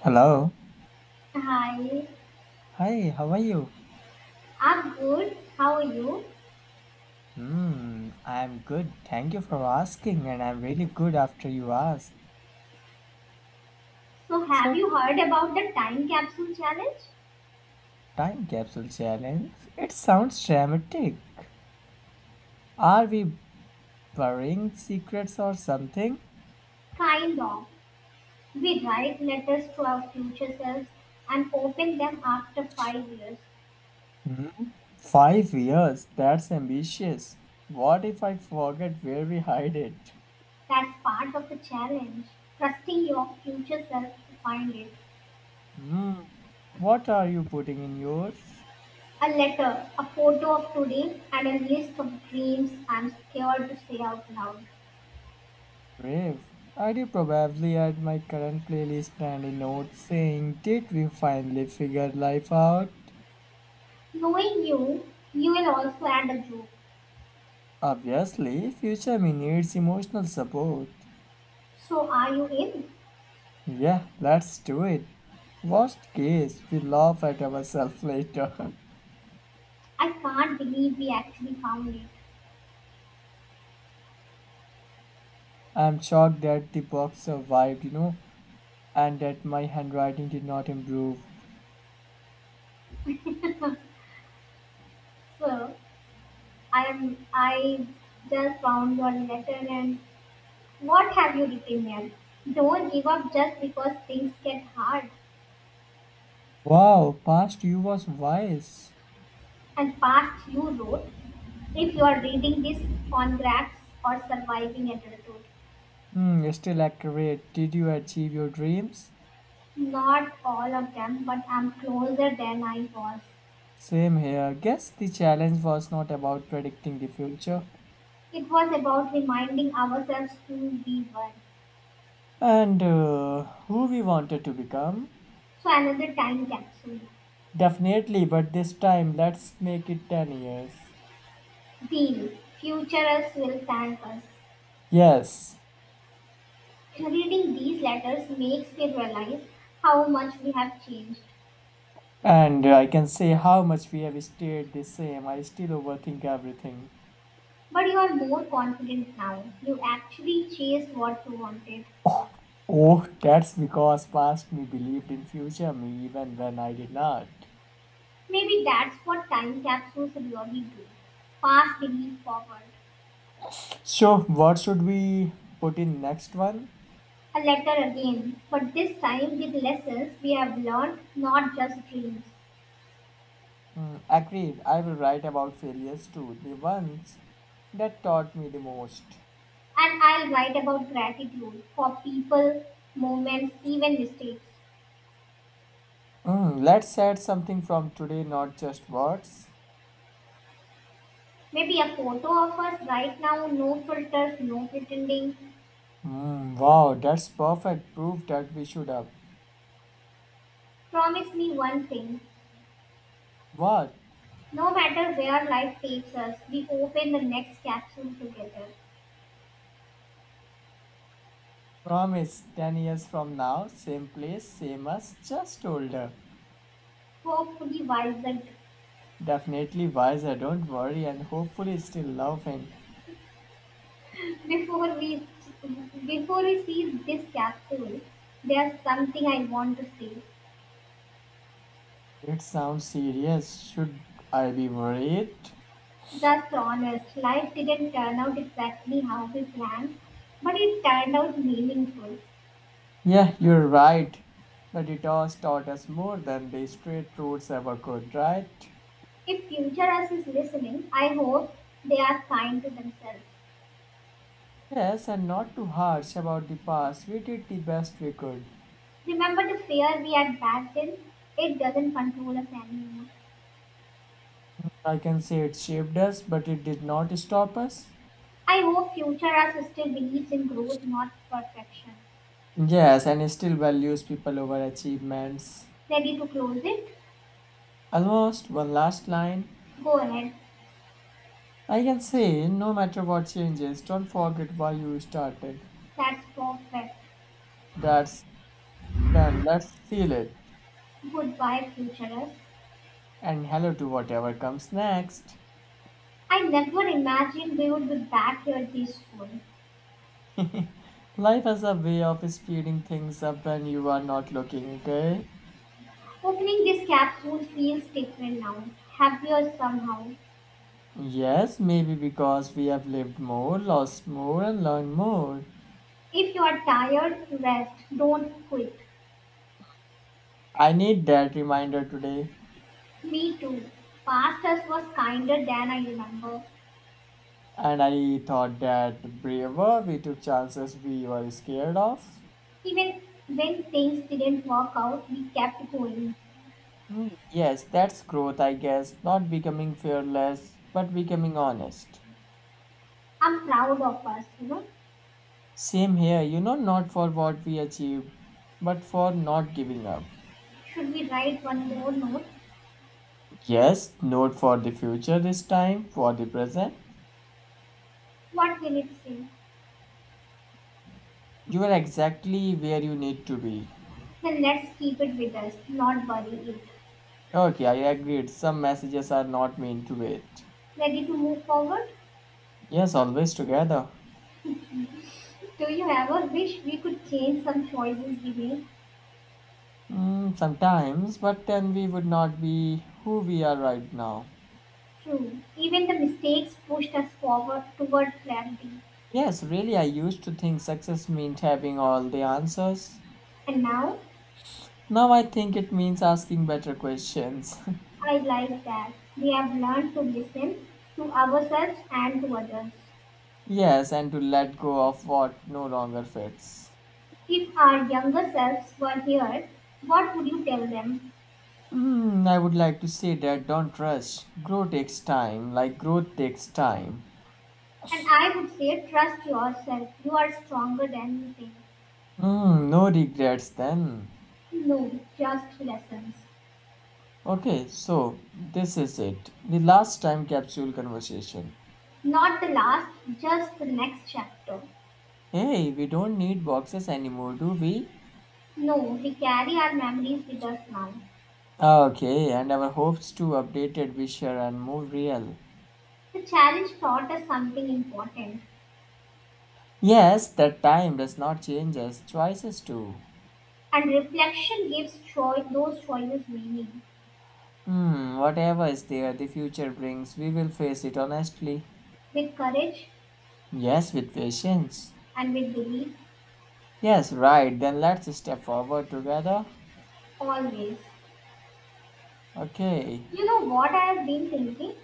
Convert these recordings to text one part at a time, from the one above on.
Hello. Hi, Hi, how are you? I'm good. How are you? I'm good. Thank you for asking, and I'm really good after you asked. So, have So, you heard about the time capsule challenge? Time capsule challenge. It sounds dramatic. Are we burying secrets or something? Kind of. We write letters to our future selves and open them after 5 years. Hmm? 5 years. That's ambitious. What if I forget where we hide it? That's part of the challenge. Trusting your future self to find it. Hmm. What are you putting in yours? A letter, a photo of today, and a list of dreams I'm scared to say out loud. Brave. I do probably add my current playlist and a note saying, did we finally figure life out? Knowing you, you will also add a joke. Obviously, future me needs emotional support. So, are you in? Yeah, let's do it. Worst case, we laugh at ourselves later. I can't believe we actually found it. I'm shocked that the box survived, you know, and that my handwriting did not improve. Well, I am. I just found your letter, and what have you written here? Don't give up just because things get hard. Wow, past you was wise. And past you wrote, if you are reading this, congrats or surviving adulthood. Hmm, still accurate. Did you achieve your dreams? Not all of them, but I'm closer than I was. Same here. Guess the challenge was not about predicting the future It was about reminding ourselves who we were. and who we wanted to become. So another time capsule. Definitely, but this time let's make it 10 years. Deal. Futurists will thank us. Yes, Reading these letters makes me realize how much we have changed. and I can say how much we have stayed the same. I still overthink everything. But you are more confident now. You actually chased what you wanted. Oh, that's because past me believed in future me even when I did not. Maybe that's what time capsules really do. Pass belief forward. So, what should we put in next one? A letter again, but this time with lessons we have learned, not just dreams. Mm, agreed. I will write about failures too, the ones that taught me the most. And I'll write about gratitude for people, moments, even mistakes. Mm, let's add something from today, not just words. Maybe a photo of us right now, no filters, no pretending. Mm, wow, that's perfect proof that we should have. Promise me one thing. What? No matter where life takes us, we open the next capsule together, Promise 10 years from now, same place, same us, just older. hopefully wiser. Definitely wiser, don't worry, and hopefully still laughing. Before we before we see this capsule, there's something I want to say. It sounds serious. Should I be worried? Just honest, life didn't turn out exactly how we planned, but it turned out meaningful. Yeah, you're right. The detours taught us more than the straight roads ever could, right? If future us is listening, I hope they are kind to themselves. Yes, and not too harsh about the past. We did the best we could. Remember the fear we had back then? It doesn't control us anymore. I can say it shaped us, but it did not stop us. I hope future us still believes in growth, not perfection. Yes, and it still values people over achievements. Ready to close it? Almost one last line. Go ahead. I can say, no matter what changes, don't forget why you started. That's perfect. That's then let's seal it. Goodbye, future us. And hello to whatever comes next. I never imagined we would be back here this soon. Life has a way of speeding things up when you are not looking, okay? Opening this capsule feels different now, happier somehow. Yes, maybe because we have lived more, lost more, and learned more. If you are tired, rest. Don't quit. I need that reminder today. Me too. Past us was kinder than I remember. And I thought that braver, we took chances we were scared of. Even when things didn't work out, we kept going. Hmm, yes, that's growth, I guess. Not becoming fearless, but becoming honest. I'm proud of us, you know. Same here, you know, not for what we achieved, but for not giving up. Should we write one more note? Yes, not for the future this time, for the present. What will it say? You are exactly where you need to be. Then let's keep it with us, not bury it. Okay, I agreed. Some messages are not meant to wait. Ready to move forward? Yes, always together. Do you ever wish we could change some choices we made? Mm, sometimes, but then we would not be who we are right now. True, even the mistakes pushed us forward toward clarity. Yes, really, I used to think success meant having all the answers. And now, Now I think it means asking better questions. I like that we have learned to listen to ourselves and to others. Yes, and to let go of what no longer fits. If our younger selves were here, what would you tell them? Hmm, I would like to say that don't rush. Grow takes time, like growth takes time. And I would say, trust yourself. You are stronger than you think. Hmm, no regrets then. No, just lessons. Okay, so this is it. The last time capsule conversation. Not the last, just the next chapter. Hey, we don't need boxes anymore, do we? No, we carry our memories with us now. Okay, and our hopes to updated wisher and move real. The challenge taught us something important, Yes, that time does not change us, choices do. and reflection gives those choices meaning. Hmm, whatever is there, the future brings, we will face it honestly. With courage Yes, with patience. and with belief, Yes, right. Then let's step forward together. always. Okay. You know what I have been thinking?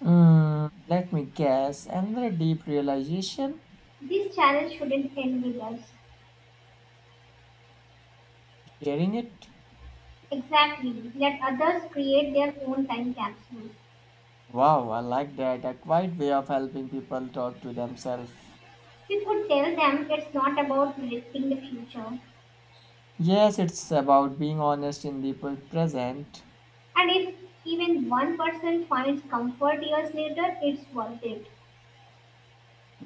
Mm, let me guess. Another deep realization? This challenge shouldn't end with us. Hearing it? Exactly. Let others create their own time capsules. Wow, I like that. A quiet way of helping people talk to themselves. We could tell them it's not about predicting the future, Yes, it's about being honest in the present. and if even one person finds comfort years later, it's worth it.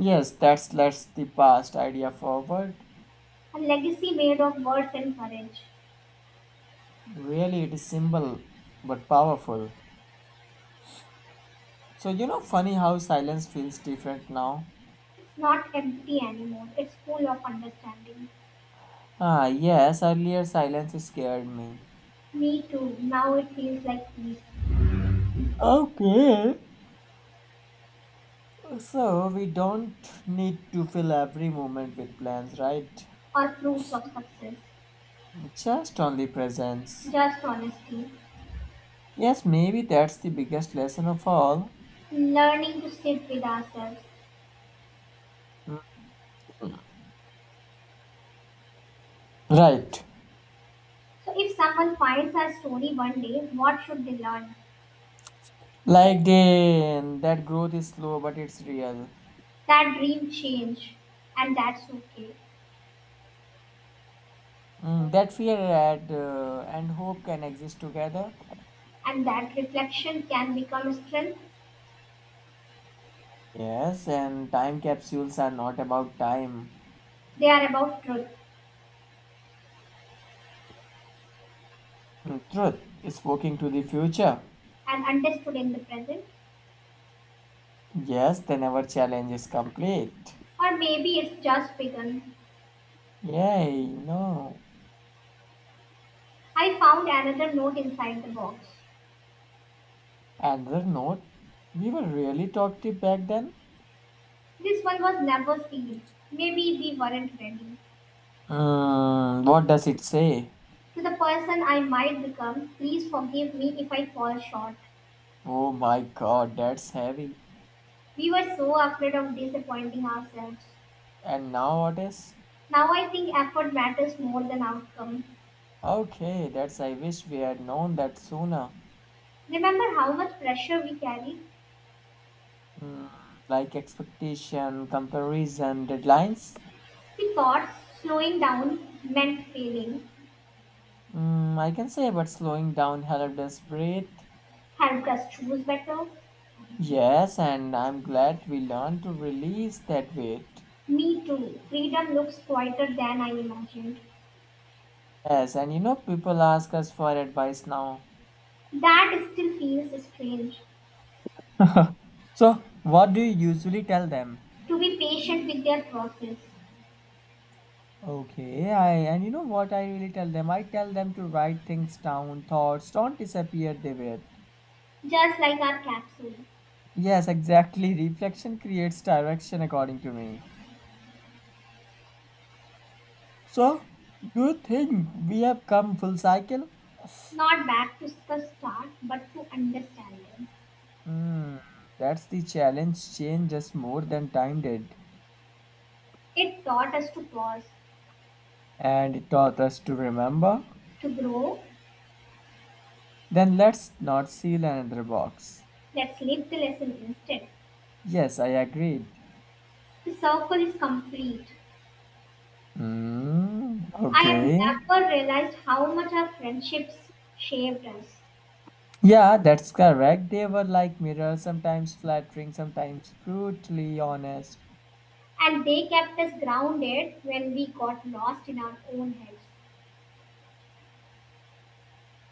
Yes, that's let's the past idea forward. A legacy made of words and courage. Really, it is simple but powerful. So, you know, funny how silence feels different now. It's not empty anymore, it's full of understanding. Ah, yes, earlier silence scared me. Me too, now it feels like peace Okay. So we don't need to fill every moment with plans, right? or proofs of success. Just only presence. Just honesty, Yes, maybe that's the biggest lesson of all. learning to sit with ourselves. Mm. Right. So, if someone finds our story one day, what should they learn? Like then that growth is slow but it's real. That dream change, and that's okay. Mm, that fear and hope can exist together. And that reflection can become strength. Yes, and time capsules are not about time. They are about truth. Mm, truth is walking to the future. And understood in the present, Yes, then our challenge is complete. or maybe it's just begun. Yay, no. I found another note inside the box. Another note, we were really talkative back then. This one was never sealed. Maybe we weren't ready. Mm, what does it say? To the person I might become, please forgive me if I fall short. Oh my god, that's heavy. We were so afraid of disappointing ourselves. And now what is? Now I think effort matters more than outcome. Okay, that's I wish we had known that sooner. Remember how much pressure we carried? Mm, like expectation, comparison, deadlines. We thought slowing down meant failing, Mm, I can say, but slowing down helped us breathe. helped us choose better. Yes, and I'm glad we learned to release that weight. Me too. Freedom looks quieter than I imagined. Yes, and you know, people ask us for advice now. That still feels strange. So, what do you usually tell them? To be patient with their process, Okay, I and you know what I really tell them? I tell them to write things down. Thoughts don't disappear, they wait. just like our capsule. Yes, exactly. Reflection creates direction, according to me. So, do you think we have come full cycle? Not back to the start, but to understand them. Hmm, that's the challenge. Changed us more than time did, It taught us to pause, and it taught us to remember. to grow. Then let's not seal another box. Let's live the lesson instead. Yes, I agreed. The circle is complete. Hmm, I have okay. never realized how much our friendships shaped us, Yeah, that's correct. They were like mirrors, sometimes flattering, sometimes brutally honest. and they kept us grounded when we got lost in our own heads.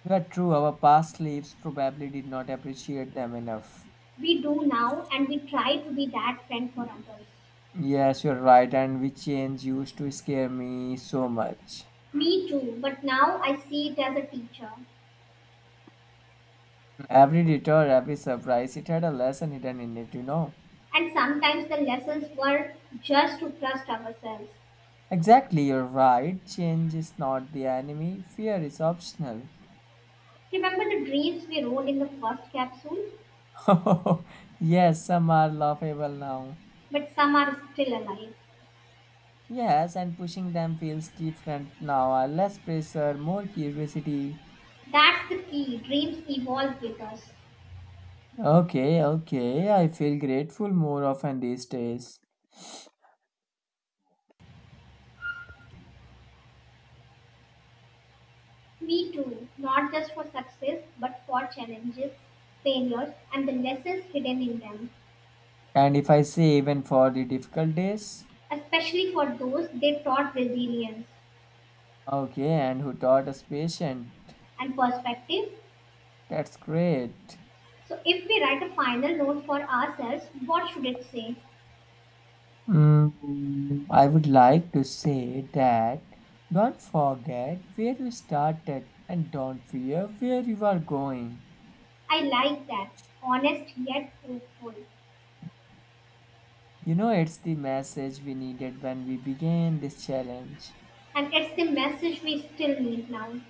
You are true, our past lives probably did not appreciate them enough. We do now, and we try to be that friend for others. Yes, you're right, and we change used to scare me so much. Me too, but now I see it as a teacher. Every detour, every surprise, it had a lesson hidden in it, you know. And sometimes the lessons were just to trust ourselves. Exactly, you're right. Change is not the enemy, fear is optional. Remember the dreams we wrote in the first capsule? Yes, some are laughable now. But some are still alive. Yes, and pushing them feels different now. Less pressure, more curiosity. That's the key. Dreams evolve with us. Okay, okay, I feel grateful more often these days. Me too, not just for success, but for challenges, failures, and the lessons hidden in them, And if I say even for the difficult days? especially for those they taught resilience Okay, and who taught us patient? and perspective. That's great. So if we write a final note for ourselves, what should it say? Mm, I would like to say that don't forget where you started and don't fear where you are going. I like that. Honest yet hopeful. You know, it's the message we needed when we began this challenge. And it's the message we still need now.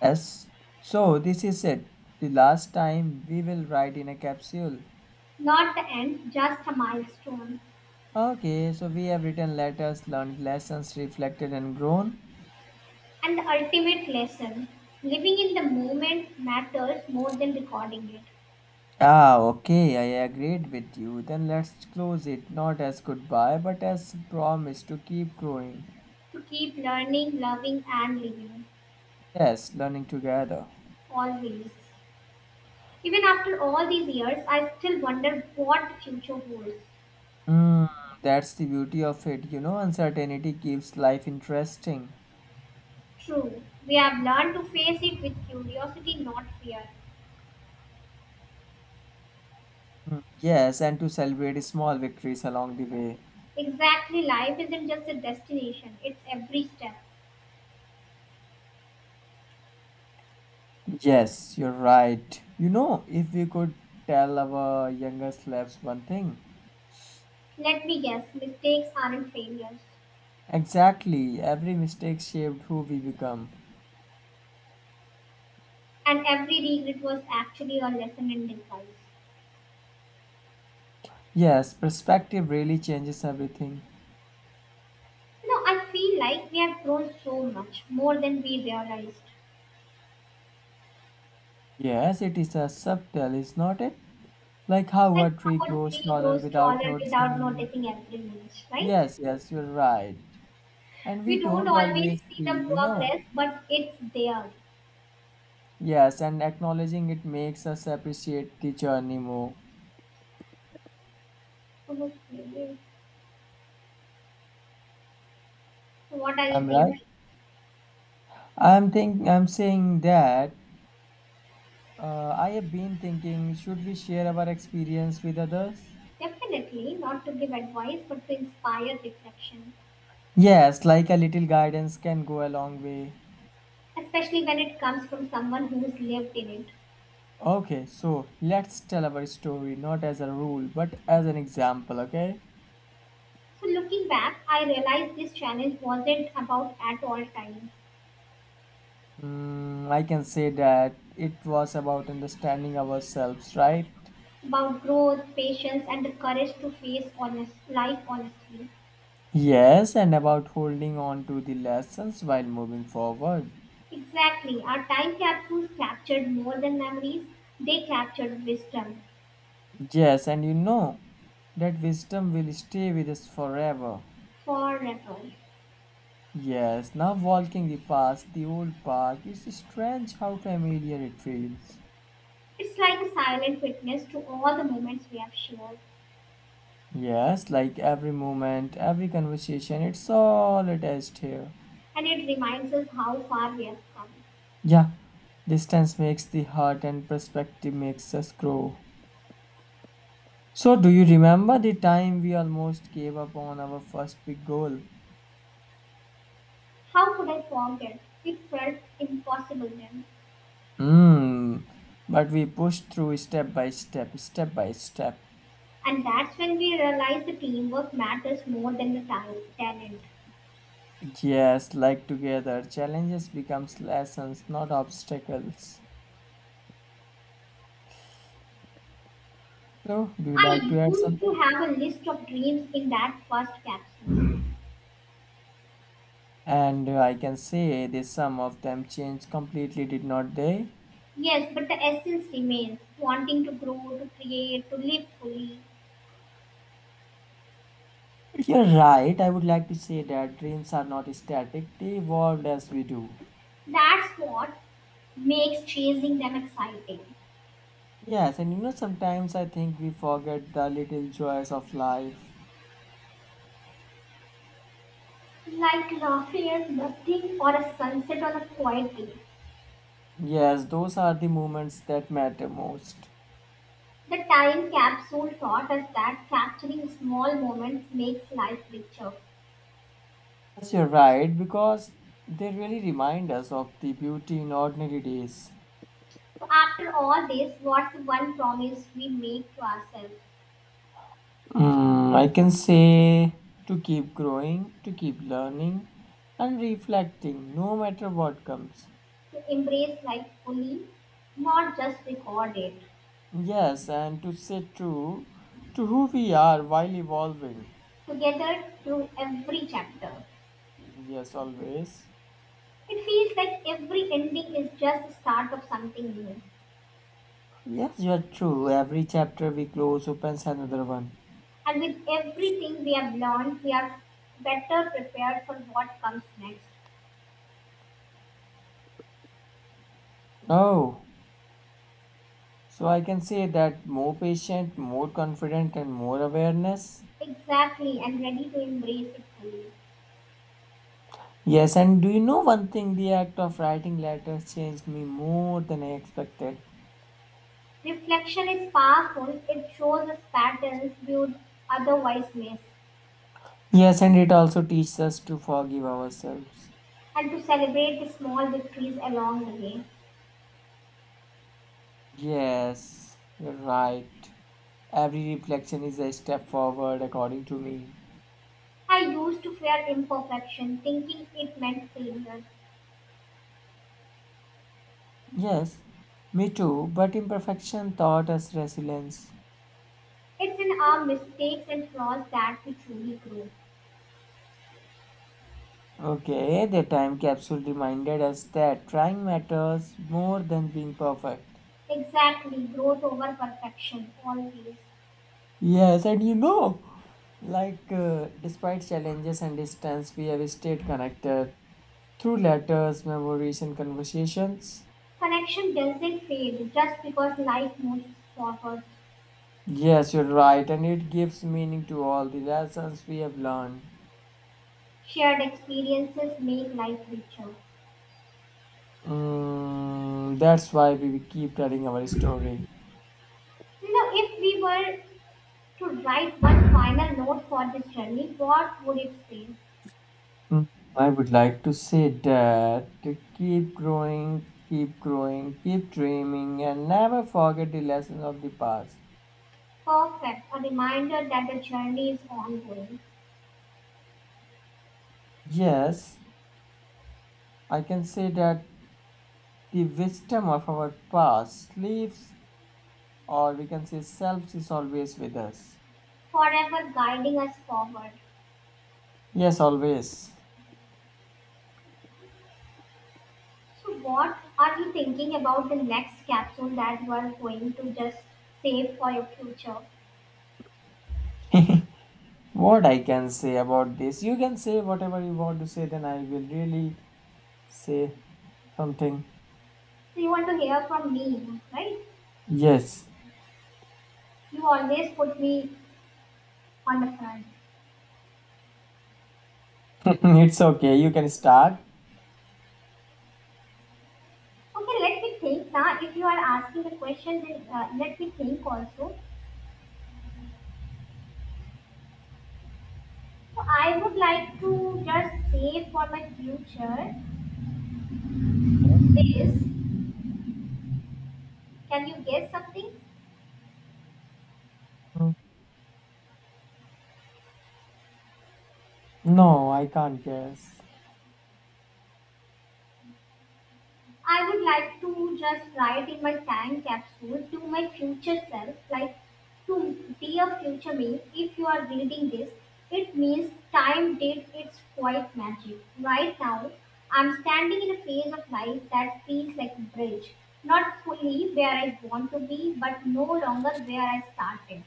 Yes, so this is it. The last time we will write in a capsule. Not the end, just a milestone. Okay, so we have written letters, learned lessons, reflected and grown. And the ultimate lesson. Living in the moment matters more than recording it. Ah, okay, I agreed with you. Then let's close it not as goodbye but as promise to keep growing. To keep learning, loving and living. Yes, learning together. Always. Even after all these years, I still wonder what the future holds. Mm, that's the beauty of it, you know, uncertainty keeps life interesting. True, we have learned to face it with curiosity, not fear. Mm, yes, and to celebrate small victories along the way. Exactly, life isn't just a destination, it's every step. Yes, you're right. You know, if we could tell our younger slaves one thing, Let me guess, mistakes aren't failures. exactly, every mistake shaped who we become. And every regret was actually a lesson in disguise. Yes, perspective really changes everything. You know, I feel like we have grown so much, more than we realized. Yes, it is a subtle, is not it? Like how Like a tree our grows tree taller grows without taller without noticing. noticing every inch, right? Yes, yes, you're right. And we We don't don't always always see, see the you know. progress, but it's there. Yes, and acknowledging it makes us appreciate the journey more. Okay. So what are you I'm right. thinking? I'm think I'm saying that I have been thinking, should we share our experience with others? Definitely not to give advice, but to inspire reflection, Yes, like a little guidance can go a long way. especially when it comes from someone who's lived in it. Okay, so let's tell our story not as a rule but as an example, okay? So looking back, I realized this challenge wasn't about at all time, Mm, I can say that it was about understanding ourselves, right? about growth, patience, and the courage to face honest life honestly. Yes, and about holding on to the lessons while moving forward. Exactly, our time capsules captured more than memories; they captured wisdom Yes, and you know that wisdom will stay with us forever. forever. Yes, now walking the past the old park is strange how familiar it feels. It's like a silent witness to all the moments we have shared, Yes, like every moment, every conversation, it's all attached here. and it reminds us how far we have come. Yeah, distance makes the heart and perspective makes us grow. So, do you remember the time we almost gave up on our first big goal? How could I forget? It felt impossible then. Hmm, but we pushed through step by step. And that's when we realized the teamwork matters more than the talent. Yes, like together, challenges becomes lessons, not obstacles. So, do you like I to add used to something? have a list of dreams in that first capsule. And I can say this some of them changed completely, did not they? Yes, but the essence remains wanting to grow, to create, to live fully. You're right. I would like to say that dreams are not static, they evolve as we do. That's what makes chasing them exciting. Yes, and you know, sometimes I think we forget the little joys of life. Like laughing at nothing or a sunset on a quiet day. Yes, those are the moments that matter most. The time capsule taught us that capturing small moments makes life richer. Yes, you're right, because they really remind us of the beauty in ordinary days. So after all this, what's the one promise we make to ourselves? Mm, I can say to keep growing, to keep learning and reflecting no matter what comes. To embrace life fully, not just record it. Yes, and to stay true to who we are while evolving. Together through every chapter. Yes, always. It feels like every ending is just the start of something new. Yes, you are true. Every chapter we close opens another one. And with everything we have learned, we are better prepared for what comes next. Oh, so I can say that more patient, more confident, and more awareness. Exactly, and ready to embrace it fully. Yes, and do you know one thing? The act of writing letters changed me more than I expected. Reflection is powerful, it shows us patterns we would otherwise miss, Yes, and it also teaches us to forgive ourselves. and to celebrate the small victories along the way. Yes, you're right. Every reflection is a step forward, according to me. I used to fear imperfection, thinking it meant failure. Yes, me too, but imperfection taught us resilience. It's in our mistakes and flaws that we truly grow. Okay, the time capsule reminded us that trying matters more than being perfect. Exactly, growth over perfection, always. Yes, and you know, like despite challenges and distance, we have stayed connected through letters, memories, and conversations. Connection doesn't fade just because life moves forward. Yes, you're right, and it gives meaning to all the lessons we have learned. Shared experiences make life richer. Mm, that's why we will keep telling our story. You know, if we were to write one final note for this journey, what would it say? Mm, I would like to say that to keep growing, keep dreaming, and never forget the lessons of the past. Perfect, a reminder that the journey is ongoing. Yes, I can say that the wisdom of our past lives, or we can say selves, is always with us. Forever guiding us forward. Yes, always. So, what are you thinking about the next capsule that you are going to just save for your future? What I can say about this? You can say whatever you want to say, then I will really say something. So, you want to hear from me, right? Yes, You always put me on the front. it's okay. You can start. Okay, let me think. Now, if you are asking the question, then let me think also. So, I would like to just save for my future is, can you guess something? Mm. No, I can't guess. I would like to just write in my time capsule to my future self, like to dear future me, if you are reading this, it means time did its quiet magic. Right now, I'm standing in a phase of life that feels like a bridge, not fully where I want to be, but no longer where I started.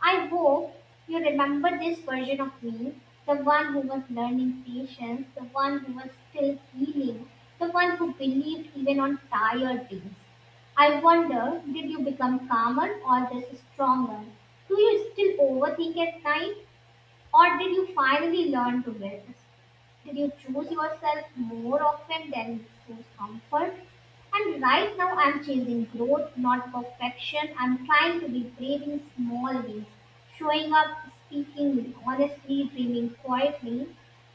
I hope you remember this version of me, the one who was learning patience, the one who was still healing, the one who believed even on tired days. I wonder, did you become calmer or just stronger? Do you still overthink at night? Or did you finally learn to rest? Did you choose yourself more often than you choose comfort? And right now, I'm chasing growth, not perfection. I'm trying to be brave in small ways, showing up, speaking honestly, dreaming quietly.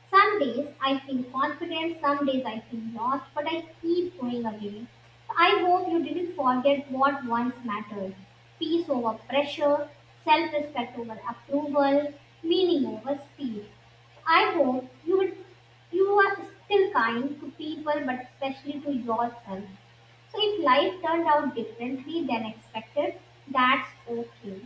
Some days I feel confident, some days I feel lost, but I keep going again. I hope you didn't forget what once mattered, peace over pressure, self respect over approval, meaning over speed. I hope you, will, you are still kind to people, but especially to yourself. So if life turned out differently than expected, that's okay.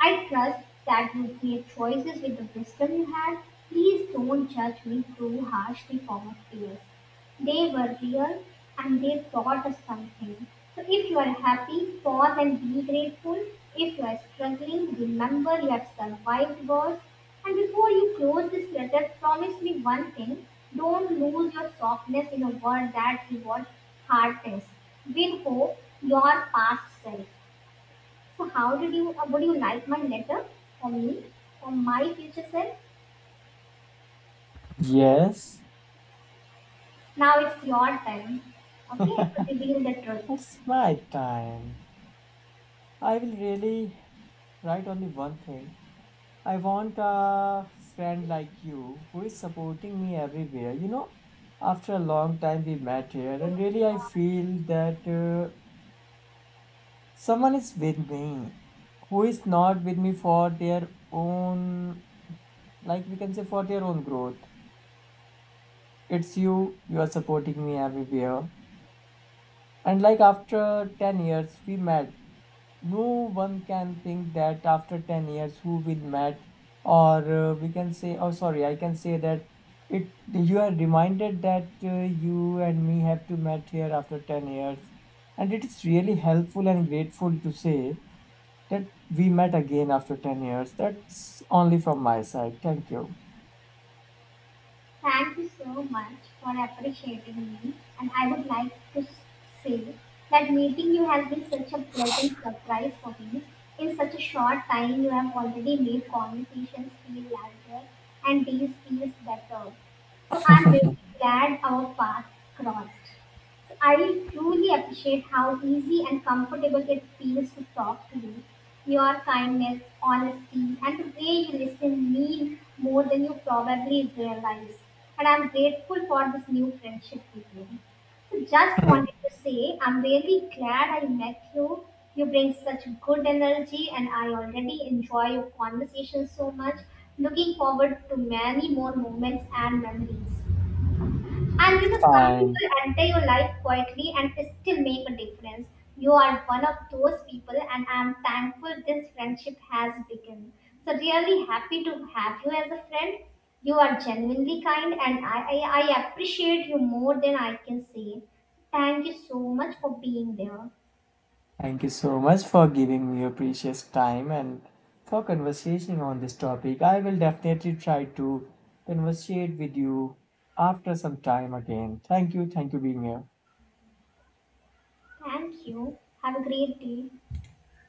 I trust that you've made choices with the wisdom you had. Please don't judge me too harshly for my fears. They were real and they taught us something. So if you are happy, pause and be grateful. If you are struggling, remember you have survived worse. And before you close this letter, promise me one thing. Don't lose your softness in a world that rewards hard things. Win hope, your past self. So how did you, would you like my letter for me, for my future self? Yes, Now it's your time, it's okay, to reveal the truth. my time. I will really write only one thing. I want a friend like you who is supporting me everywhere. You know, after a long time we met here, Oh my and really I God. feel that someone is with me who is not with me for their own like we can say for their own growth, it's you. You are supporting me everywhere, and like after 10 years we met. No one can think that after 10 years who we met, or we can say oh sorry I can say that it you are reminded that you and me have to met here after 10 years, and it is really helpful and grateful to say that we met again after 10 years. That's only from my side. Thank you. Thank you so much for appreciating me, and I would like to say that meeting you has been such a pleasant surprise for me. In such a short time, you have already made conversations feel larger and days feel better. So I'm really glad our paths crossed. So I truly appreciate how easy and comfortable it feels to talk to you. Your kindness, honesty, and the way you listen mean more than you probably realize. And I'm grateful for this new friendship with you. So just wanted to say I'm really glad I met you. You bring such good energy, and I already enjoy your conversation so much. Looking forward to many more moments and memories. And you know, some Fine. people enter your life quietly and still make a difference. You are one of those people, and I'm thankful this friendship has begun. So, really happy to have you as a friend. You are genuinely kind, and I appreciate you more than I can say. Thank you so much for being there. Thank you so much for giving me your precious time and for conversation on this topic. I will definitely try to conversate with you after some time again. Thank you. Thank you being here. Thank you. Have a great day.